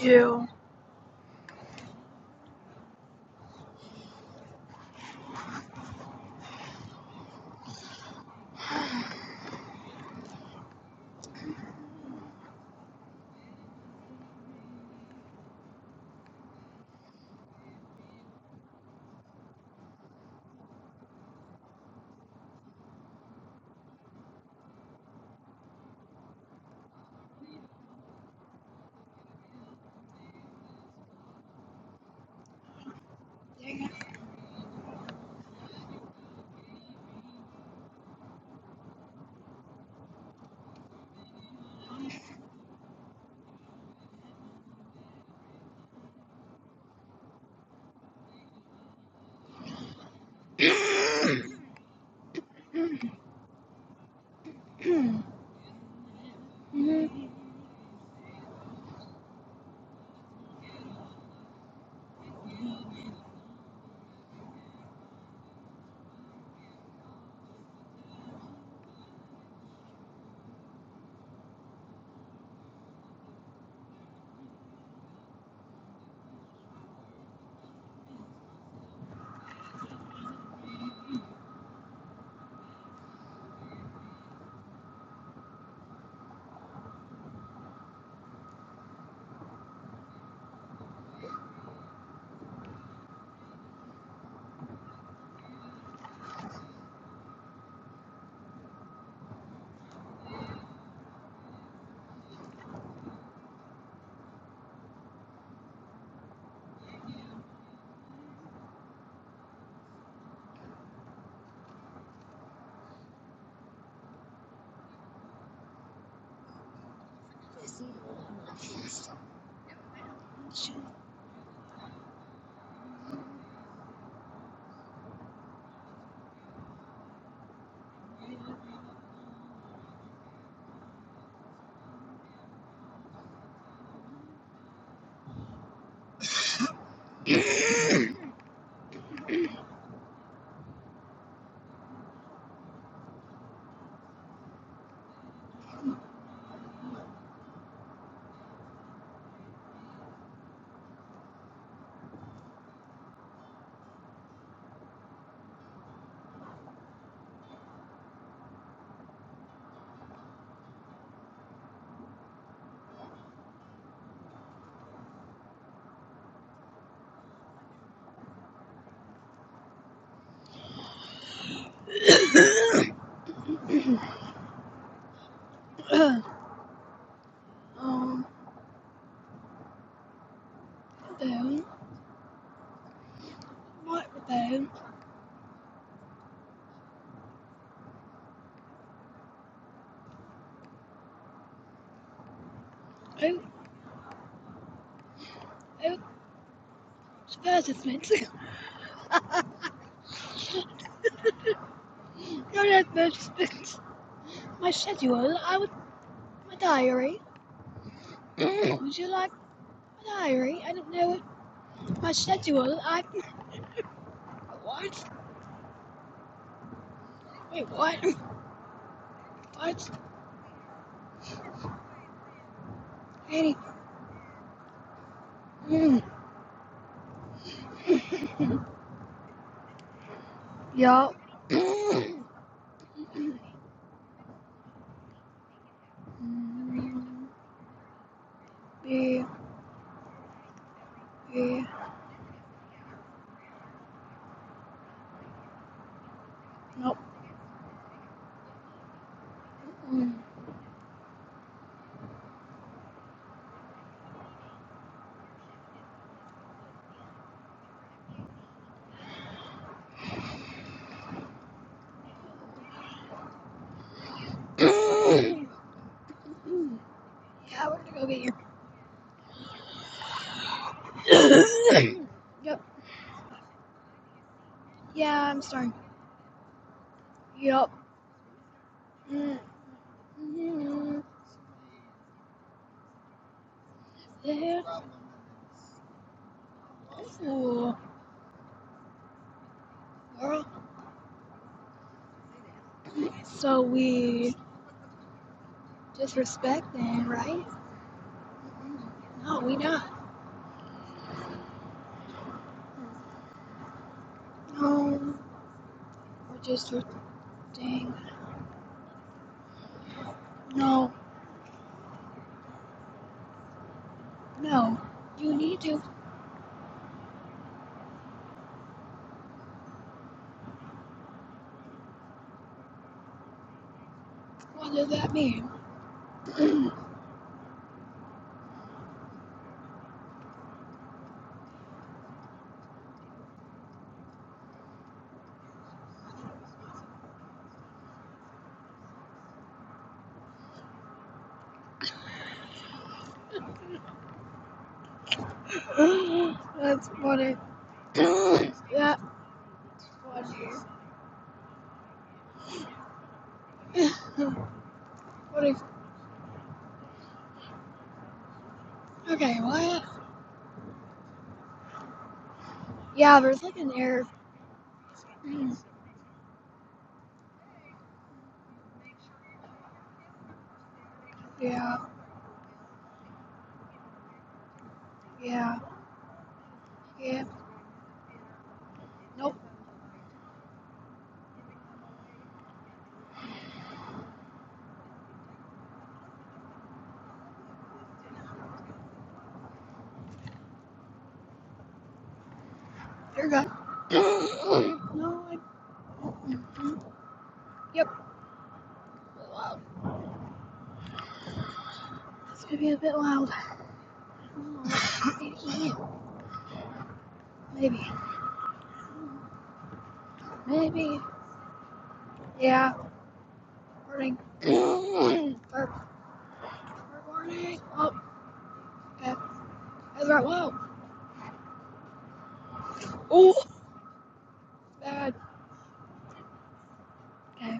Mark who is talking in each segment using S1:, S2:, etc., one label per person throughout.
S1: You. um, then, what then? I, I, advertisements. Not advertisements. My schedule, I would, my diary. would you like my diary? I don't know what, my schedule, I, what? Wait, what? What? Any, yup. Mm, yeah, yeah, nope. Mm. Yeah, we're gonna go get you. yep. Yeah, I'm starting. Yep. Mm-hmm. Ooh, girl. So we disrespecting, right? No, we not. No, we're just respecting. No, no. You need to. What does that mean? That's funny. That's funny. funny. Okay, what? Yeah, there's like an error. Yeah, yeah, yeah. Nope. Dear God. no, I. don't. Yep. Loud. It's gonna be a bit loud. Oh, Maybe. Maybe. Yeah. Burning. Start recording. Oh, okay. That's right. Wow. Oh, bad. Okay.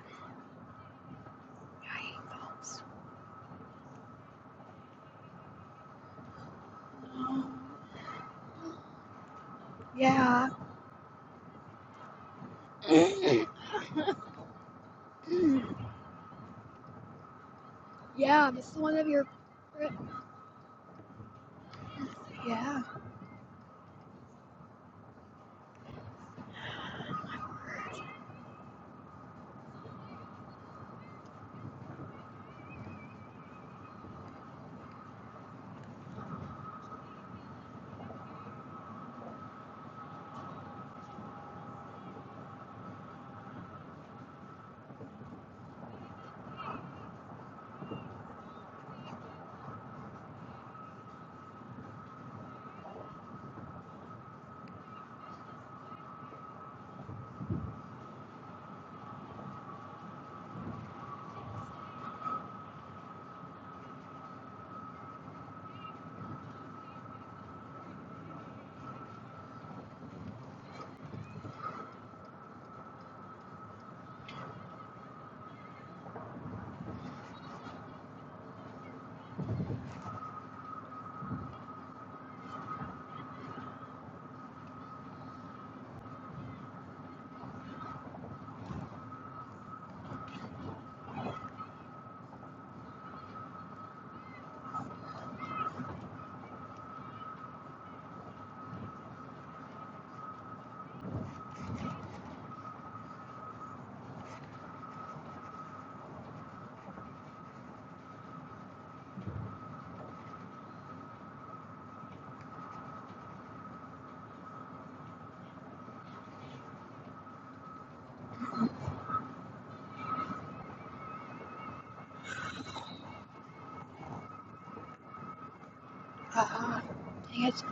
S1: Um, Yeah. yeah. This is one of your. Yeah. Uh, dang it.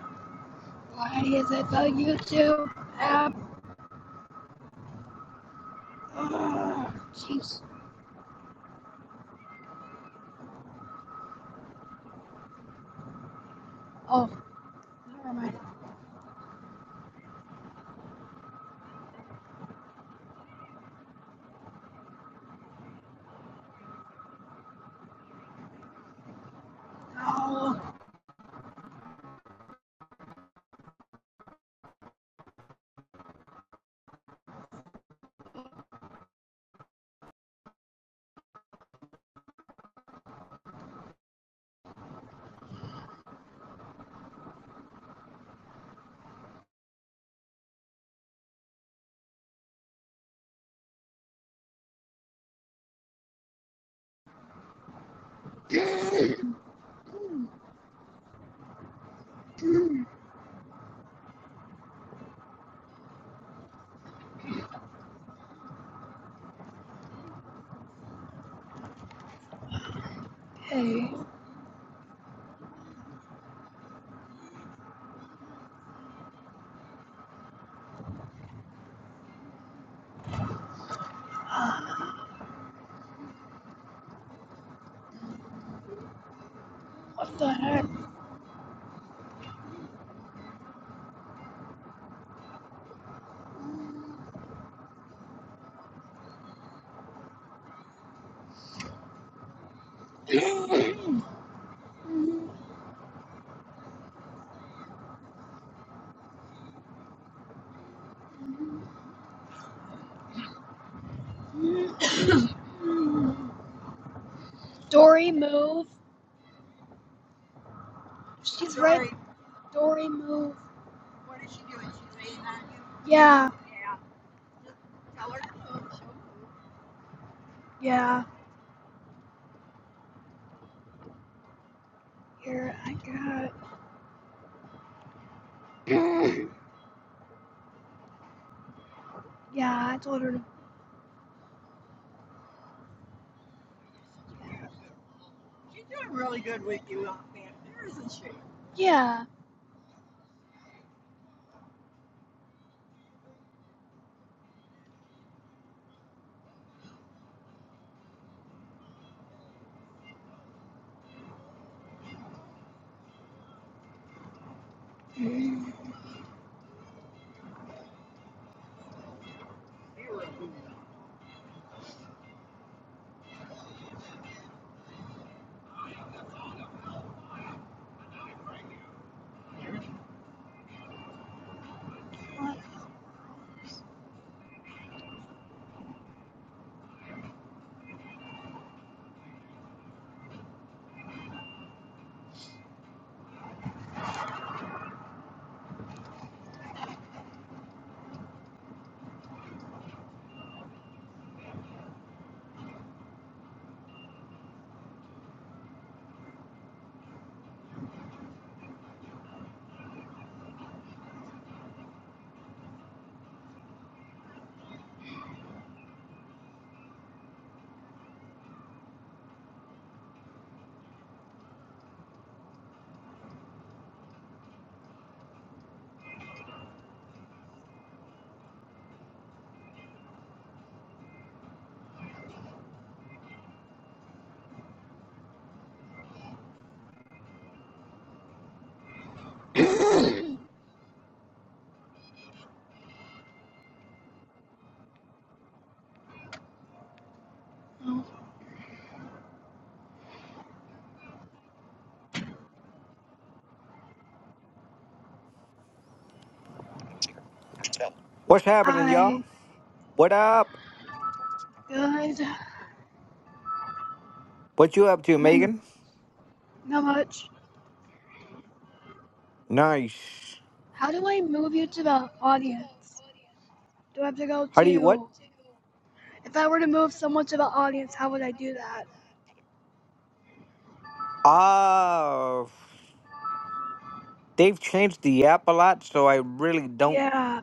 S1: Why is it the YouTube app? Jeez. Oh, Where am I? Oh, hey, uh, what the heck? Dory, move. She's Dory, move. Yeah, yeah. Here, I got. it. Yeah, I told her to. Yeah. What? I good.
S2: What you up to,
S1: Remember,
S2: Megan?
S1: not much.
S2: Nice.
S1: How do I move you to the audience? Do I have to go
S2: How do you
S1: to
S2: what?
S1: If I were to move someone to the audience, how would I do that?
S2: Ah, they've changed the app a lot, so I really don't
S1: Yeah.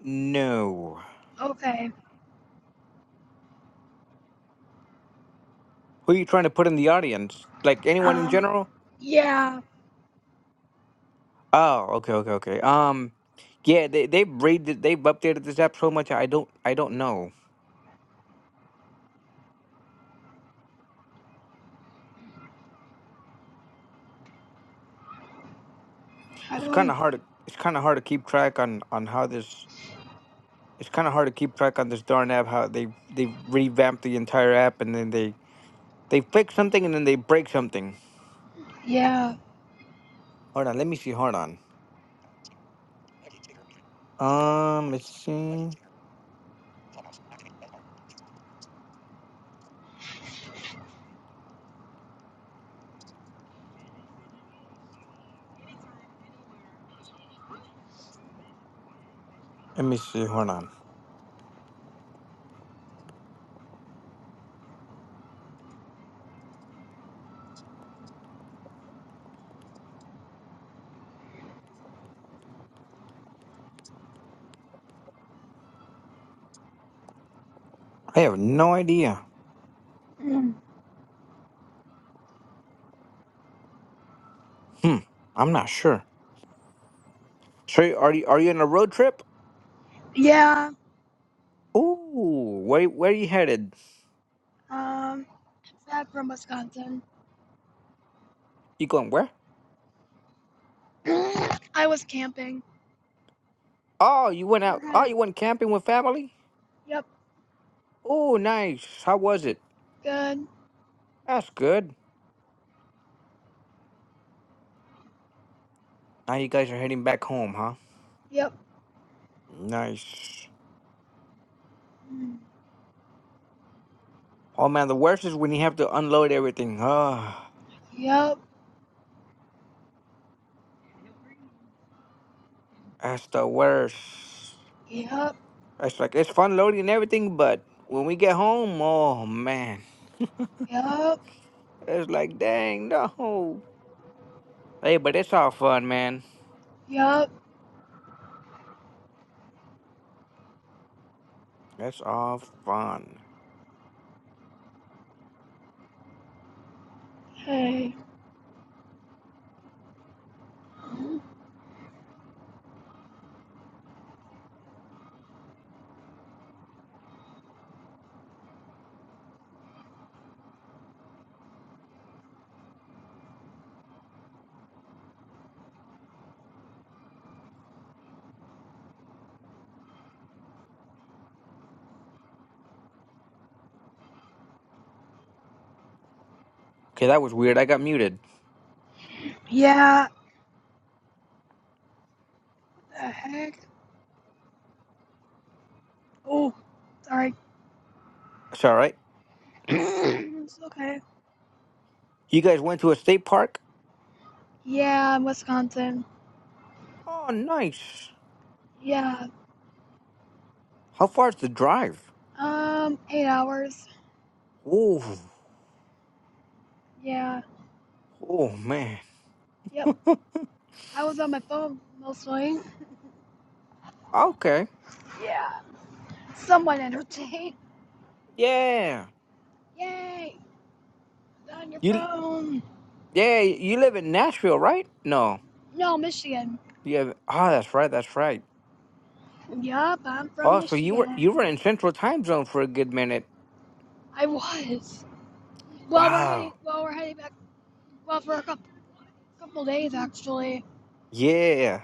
S2: know.
S1: Okay.
S2: Who are you trying to put in the audience? Like anyone in
S1: Um.
S2: general?
S1: Yeah.
S2: Oh, okay, okay, okay. Um, yeah, they they've rated, they've updated this app so much. I don't, I don't know.
S1: How
S2: It's
S1: do
S2: kind of
S1: I?
S2: hard. To, it's kind of hard to keep track on on how this. It's kind of hard to keep track on this darn app. How they they revamped the entire app and then they they fix something and then they break something.
S1: Yeah.
S2: Hold on, let me see. Hold on. Um, let's see. Let me see. Hold on. I have no idea.
S1: Mm.
S2: Hmm. I'm not sure. So you- are you are you on a road trip?
S1: Yeah.
S2: Ooh, where where you headed?
S1: Um. Back from Wisconsin.
S2: You going where?
S1: I was camping.
S2: Oh, you went
S1: We're
S2: out. Oh,
S1: headed.
S2: you went camping with family.
S1: Yep.
S2: Oh, nice. How was it?
S1: Good.
S2: That's good. Now you guys are heading back home, huh?
S1: Yep.
S2: Nice.
S1: Mm.
S2: Oh man, the worst is when you have to unload everything. Ah,
S1: Yep.
S2: that's the worst.
S1: Yep.
S2: It's like it's fun loading everything, but when we get home, oh man.
S1: Yep.
S2: It's like, dang, no. Hey, but it's all fun, man.
S1: Yep.
S2: That's all fun.
S1: Hey. Mm.
S2: Okay, that was weird. I got muted.
S1: Yeah. The heck. Oh. Sorry.
S2: It's all right.
S1: it's okay.
S2: You guys went to a state park?
S1: Yeah. Wisconsin.
S2: Oh, nice.
S1: Yeah.
S2: How far is the drive?
S1: Um. Eight hours.
S2: Oh,
S1: Yeah.
S2: oh man.
S1: Yep. I was on my phone mostly.
S2: Okay.
S1: Yeah. Someone entertained.
S2: Yeah.
S1: Yay! On your
S2: You
S1: phone.
S2: yeah, you live in Nashville, right? No.
S1: No, Michigan.
S2: You have oh that's right, that's right.
S1: Yup, I'm from
S2: Oh, so you were you
S1: Michigan.
S2: were in Central Time Zone for a good minute.
S1: I was. Well, we're heading.
S2: Wow.
S1: Well, we're heading back. Well, for a couple, couple days actually.
S2: Yeah.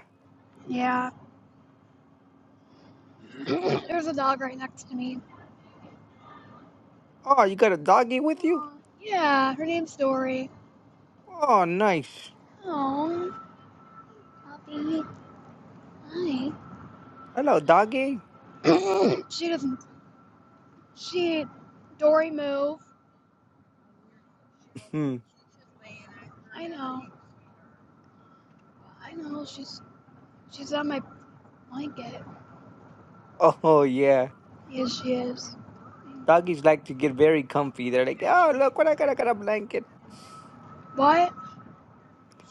S1: Yeah. There's a dog right next to me.
S2: Oh, you got a doggy with you?
S1: Aw, yeah. Her name's Dory.
S2: Oh nice.
S1: Oh, puppy. Hi.
S2: Hello, doggy.
S1: she doesn't. She. Dory, move.
S2: Hmm.
S1: I know she's. She's on my Blanket.
S2: Oh, yeah.
S1: Yes, she is.
S2: Doggies like to get very comfy. They're like, oh, look what I got. I got a blanket.
S1: What?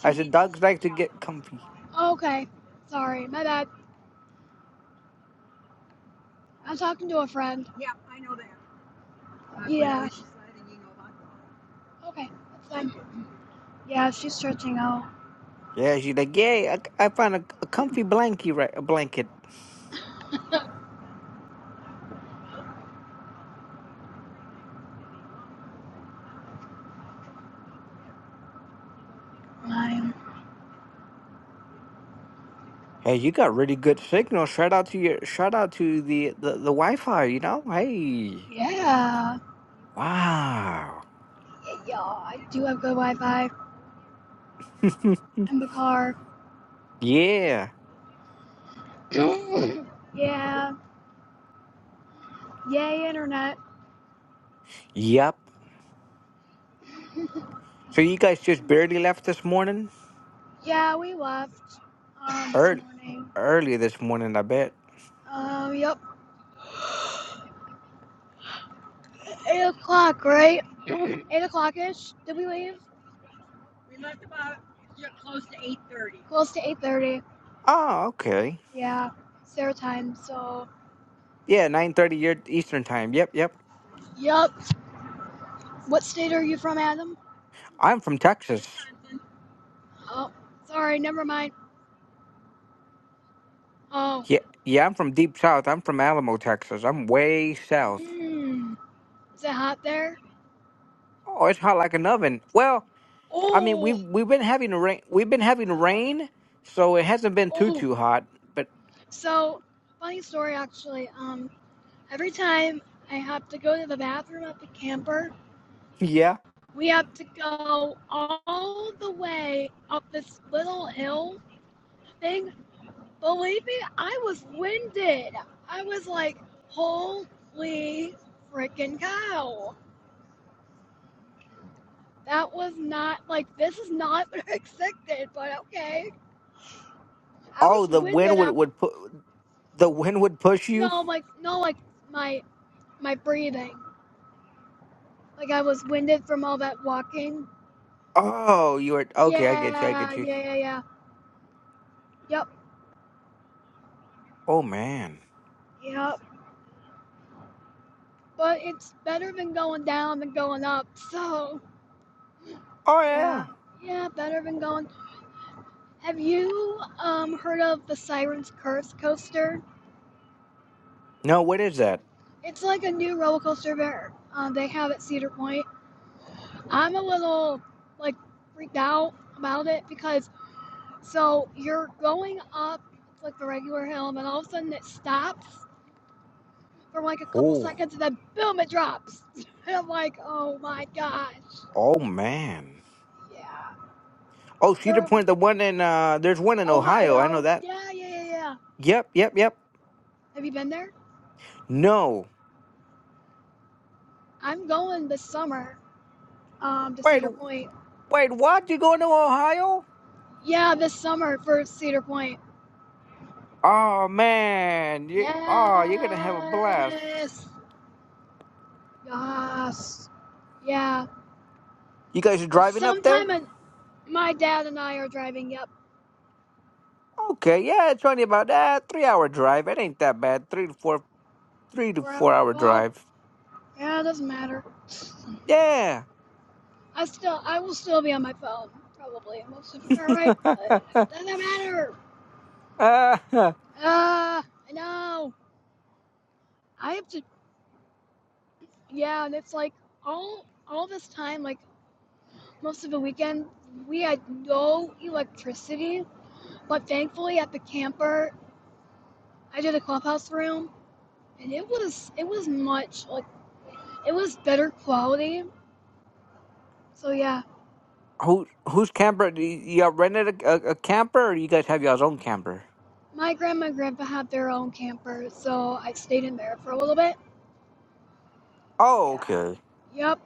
S2: I said, dogs like to get comfy.
S1: Oh, Okay. Sorry, my bad. I'm talking to a friend. Okay, that's fine. Yeah, she's stretching out.
S2: Yeah, she's like, yay, I, I found a, a comfy blankie, right? A blanket.
S1: Mine.
S2: Hey, you got really good signal. Shout out to your, shout out to the, the, the Wi-Fi, you know? Hey.
S1: Yeah.
S2: Wow.
S1: Yeah, I do have good Wi Fi in the car.
S2: yeah.
S1: yeah. Yay, internet.
S2: Yep. So you guys just barely left this morning?
S1: yeah, we left um, this
S2: Early,
S1: morning.
S2: early this morning, I bet.
S1: Um, yep. 8 o'clock, right? 8 o'clock ish. Did we leave? Close to 8.30.
S2: Oh, okay.
S1: Yeah. It's their time, so.
S2: Yeah, nine thirty your Eastern time. Yep, yep.
S1: Yep. What state are you from, Adam?
S2: I'm from Texas.
S1: Oh, sorry, never mind. Oh,
S2: Yeah, yeah. I'm from deep south. I'm from Alamo, Texas. I'm way south.
S1: mmm. Is it hot there?
S2: Oh, it's hot like an oven. Well, I mean, we've
S1: Oh,
S2: we've been having a rain. We've been having
S1: wow.
S2: rain, so it hasn't been too
S1: Oh,
S2: too hot. But
S1: so funny story actually. Um, every time I have to go to the bathroom at the camper,
S2: yeah.
S1: we have to go all the way up this little hill thing. Believe me, I was winded. I was like, holy freaking cow. That was not like this is not what I expected, but okay. I
S2: Oh,
S1: was
S2: the wind
S1: winded
S2: would
S1: up.
S2: would put the wind would push you.
S1: No, like no, like my my breathing. Like I was winded from all that walking.
S2: Oh, you are okay. I get you. I
S1: Yeah,
S2: get you.
S1: yeah, yeah, yeah. Yep,
S2: Oh man.
S1: yep. But it's better than going down than going up. So
S2: Oh yeah.
S1: yeah, yeah, better than going. Have you um heard of the Siren's Curse coaster?
S2: No, what is that?
S1: It's like a new roller coaster there. Um, they have at Cedar Point. I'm a little like freaked out about it because so you're going up it's like the regular hill and then all of a sudden it stops for like a couple
S2: Oh,
S1: seconds and then boom it drops. And I'm like, oh my gosh.
S2: oh man.
S1: Yeah.
S2: Oh,
S1: Is
S2: Cedar
S1: there
S2: Point, the one in uh there's one in Ohio. I know
S1: Ohio?
S2: that.
S1: Yeah, yeah, yeah, yeah.
S2: Yep, yep, yep.
S1: Have you been there?
S2: No.
S1: I'm going this summer, um, to
S2: Wait,
S1: Cedar Point.
S2: wait, what? You going to Ohio?
S1: Yeah, this summer for Cedar Point.
S2: Oh man. You oh, you're gonna have a blast.
S1: Yes. Yes. Yeah.
S2: You guys are
S1: Well,
S2: driving up there?
S1: sometime in My dad and I are driving. Yep,
S2: Okay, yeah, it's only about that three hour drive. It ain't that bad. Three to four three to
S1: for
S2: four
S1: our
S2: hour
S1: well,
S2: drive.
S1: yeah, it doesn't matter.
S2: Yeah.
S1: I still, I will still be on my phone probably most of it. All right, but it doesn't matter.
S2: uh,
S1: Uh, I know. I have to. Yeah, and it's like all all this time, like most of the weekend, we had no electricity. But thankfully, at the camper, I did a clubhouse room, and it was it was much like it was better quality. So yeah,
S2: Who who's camper? Do you- Y'all rented a, a, a camper, or you guys have y'all's own camper?
S1: My grandma and grandpa had their own camper, so I stayed in there for a little bit.
S2: Oh,
S1: Yeah.
S2: okay.
S1: Yep.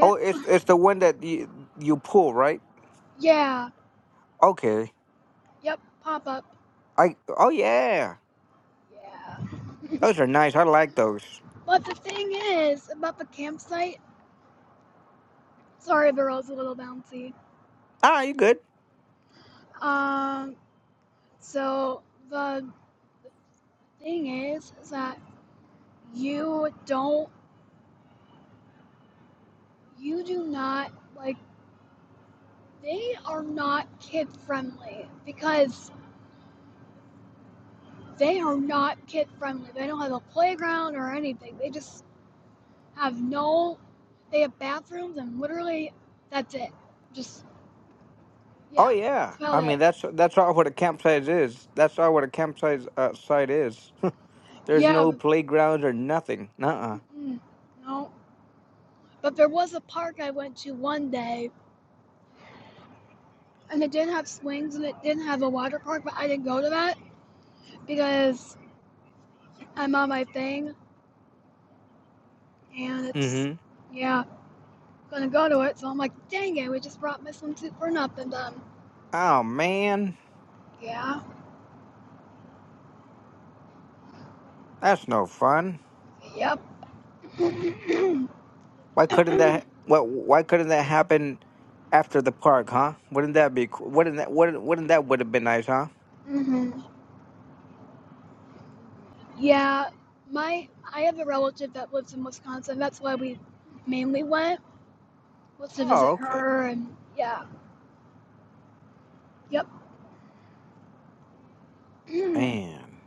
S2: Oh, it's it's the one that you you pull, right?
S1: Yeah.
S2: Okay.
S1: Yep. Pop up.
S2: I oh yeah,
S1: Yeah.
S2: those are nice. I like those.
S1: But the thing is about the campsite. Sorry, the road's a little bouncy.
S2: Ah, you good?
S1: Um. So the thing is, is that you don't, you do not like. They are not kid friendly because they are not kid friendly. They don't have a playground or anything. They just have no they have bathrooms and literally that's it just
S2: Oh
S1: yeah that's
S2: yeah.
S1: about
S2: I mean
S1: it
S2: that's that's all what a campsite is. That's all what a campsite uh, site is. There's
S1: yeah
S2: no
S1: but,
S2: playgrounds or nothing. Uh-uh.
S1: mm-mm, no but there was a park i went to one day and it didn't have swings and it didn't have a water park but i didn't go to that because i'm on my thing and it's
S2: Mm-hmm.
S1: yeah gonna go to it so i'm like dang it we just brought my swimsuit for nothing done
S2: Oh man,
S1: yeah
S2: that's no fun.
S1: yep
S2: Why couldn't that? What? Why couldn't that happen after the park? Huh? Wouldn't that be? cool? Wouldn't that? Wouldn't, wouldn't that would have been nice? Huh?
S1: hmm Yeah, my I have a relative that lives in Wisconsin. That's why we mainly went was to
S2: Oh
S1: visit
S2: okay.
S1: her and yeah. Yep. mm,
S2: Man.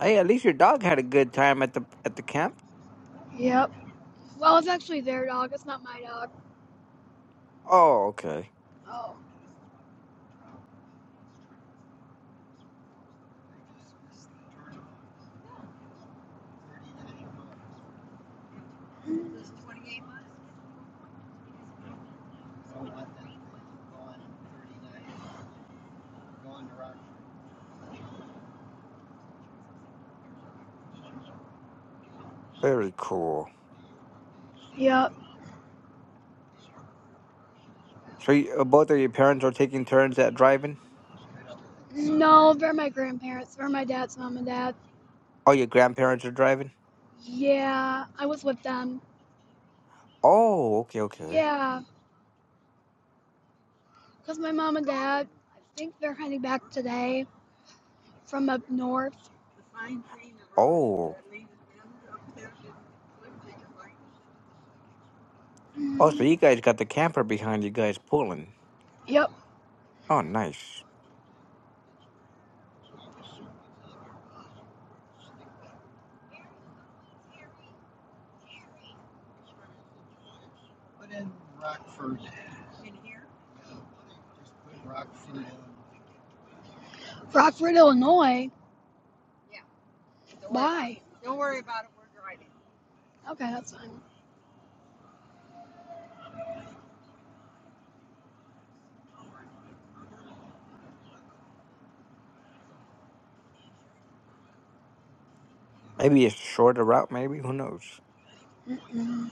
S2: Hey, at least your dog had a good time at the at the camp.
S1: yep. Well, it's actually their dog. It's not my dog.
S2: Oh, okay.
S1: Oh.
S2: Very cool.
S1: Yep.
S2: So you, uh, both of your parents are taking turns at driving?
S1: No, they're my grandparents. They're my dad's mom and dad.
S2: Oh, your grandparents are driving?
S1: Yeah, I was with them.
S2: Oh, okay, okay.
S1: Yeah, cause my mom and dad, I think they're heading back today from up north.
S2: Oh. Oh, so
S1: Mm.
S2: you guys got the camper behind you guys pulling.
S1: Yep,
S2: Oh, nice.
S1: Rockford, Illinois. Hi. Okay, that's fine.
S2: Maybe it's shorter route, maybe, who knows.
S1: Mm-mm.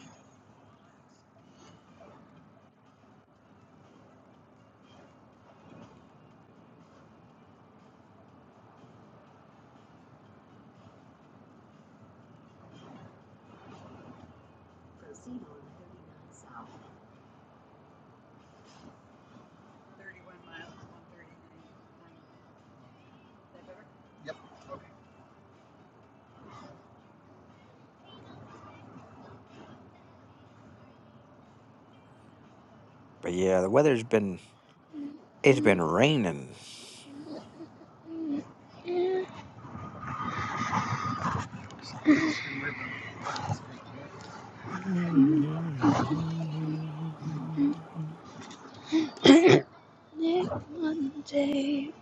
S2: But yeah, the weather's been it's
S1: Mm-mm.
S2: been raining.
S1: Monday.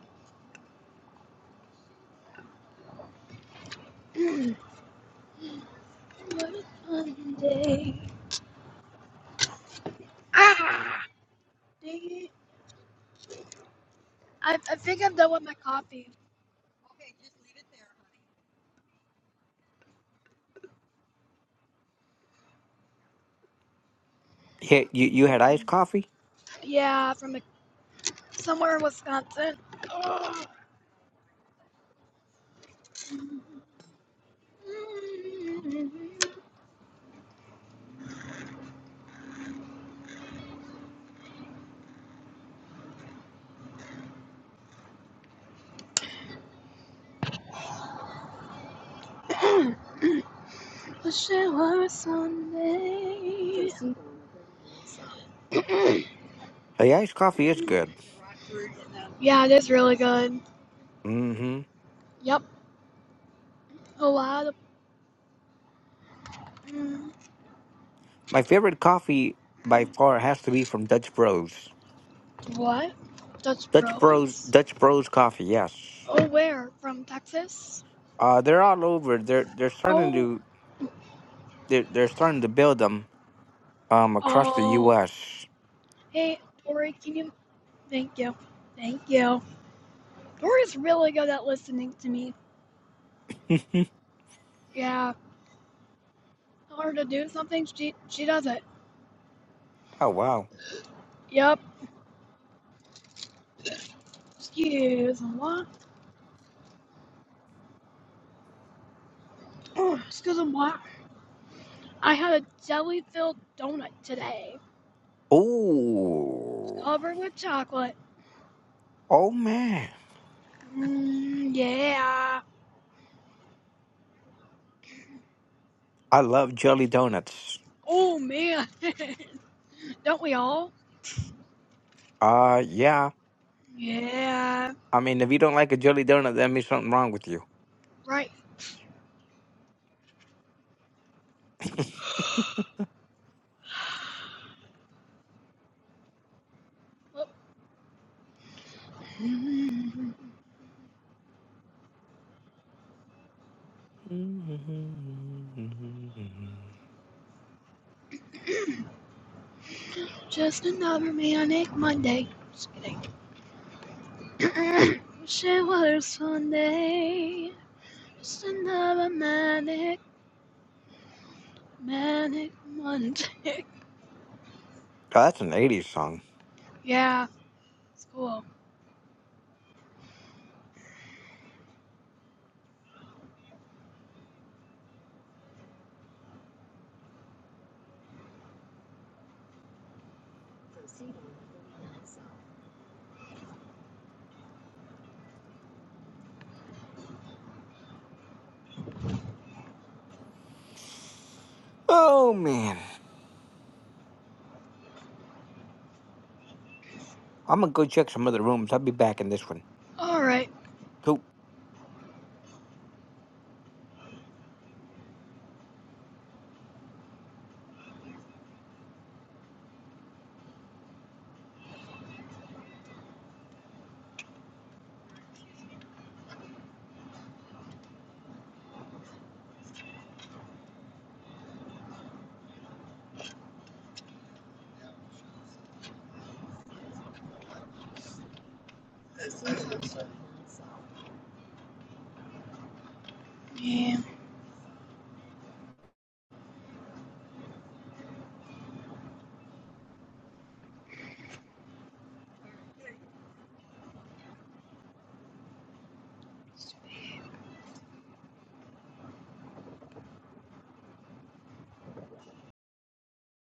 S1: Mm. What a fun day. Dang it. I, I think I'm done with my coffee.
S2: Yeah, you you had iced
S1: Mm.
S2: coffee?
S1: Yeah, from a, somewhere in Wisconsin. Ugh. Mm. Wish it were a Sunday. Mm.
S2: Hey, iced coffee is good.
S1: yeah, it is really good.
S2: Mm-hmm.
S1: Yep, a lot of. Mm.
S2: My favorite coffee by far has to be from Dutch Bros.
S1: What? Dutch
S2: Dutch Bros.
S1: Bros?
S2: Dutch Bros. Coffee. Yes.
S1: Oh, where? From Texas?
S2: Uh, they're all over. They're they're starting
S1: Oh,
S2: to they're, they're starting to build them um across the
S1: oh.
S2: U.S.
S1: Hey, Tori, can you? Thank you. Thank you. Tori's really good at listening to me. Yeah. Tell her to do something, she she does it.
S2: oh wow.
S1: Yep. Excuse me. What? Oh, excuse me. What? I had a jelly-filled donut today. It's
S2: Oh.
S1: covered with chocolate.
S2: Oh man.
S1: Mmm, yeah.
S2: I love jelly donuts.
S1: Oh, man. Don't we all?
S2: Uh yeah.
S1: Yeah.
S2: I mean, if you don't like a jelly donut, that means something wrong with you.
S1: Right. Oh. Just another manic Monday. Just kidding. Wish it was Sunday. Just another manic, manic Monday.
S2: Oh, that's an '80s song.
S1: yeah, it's cool.
S2: Oh man. I'm gonna go check some other rooms. I'll be back in this one.
S1: All right.
S2: Cool.
S1: Yeah.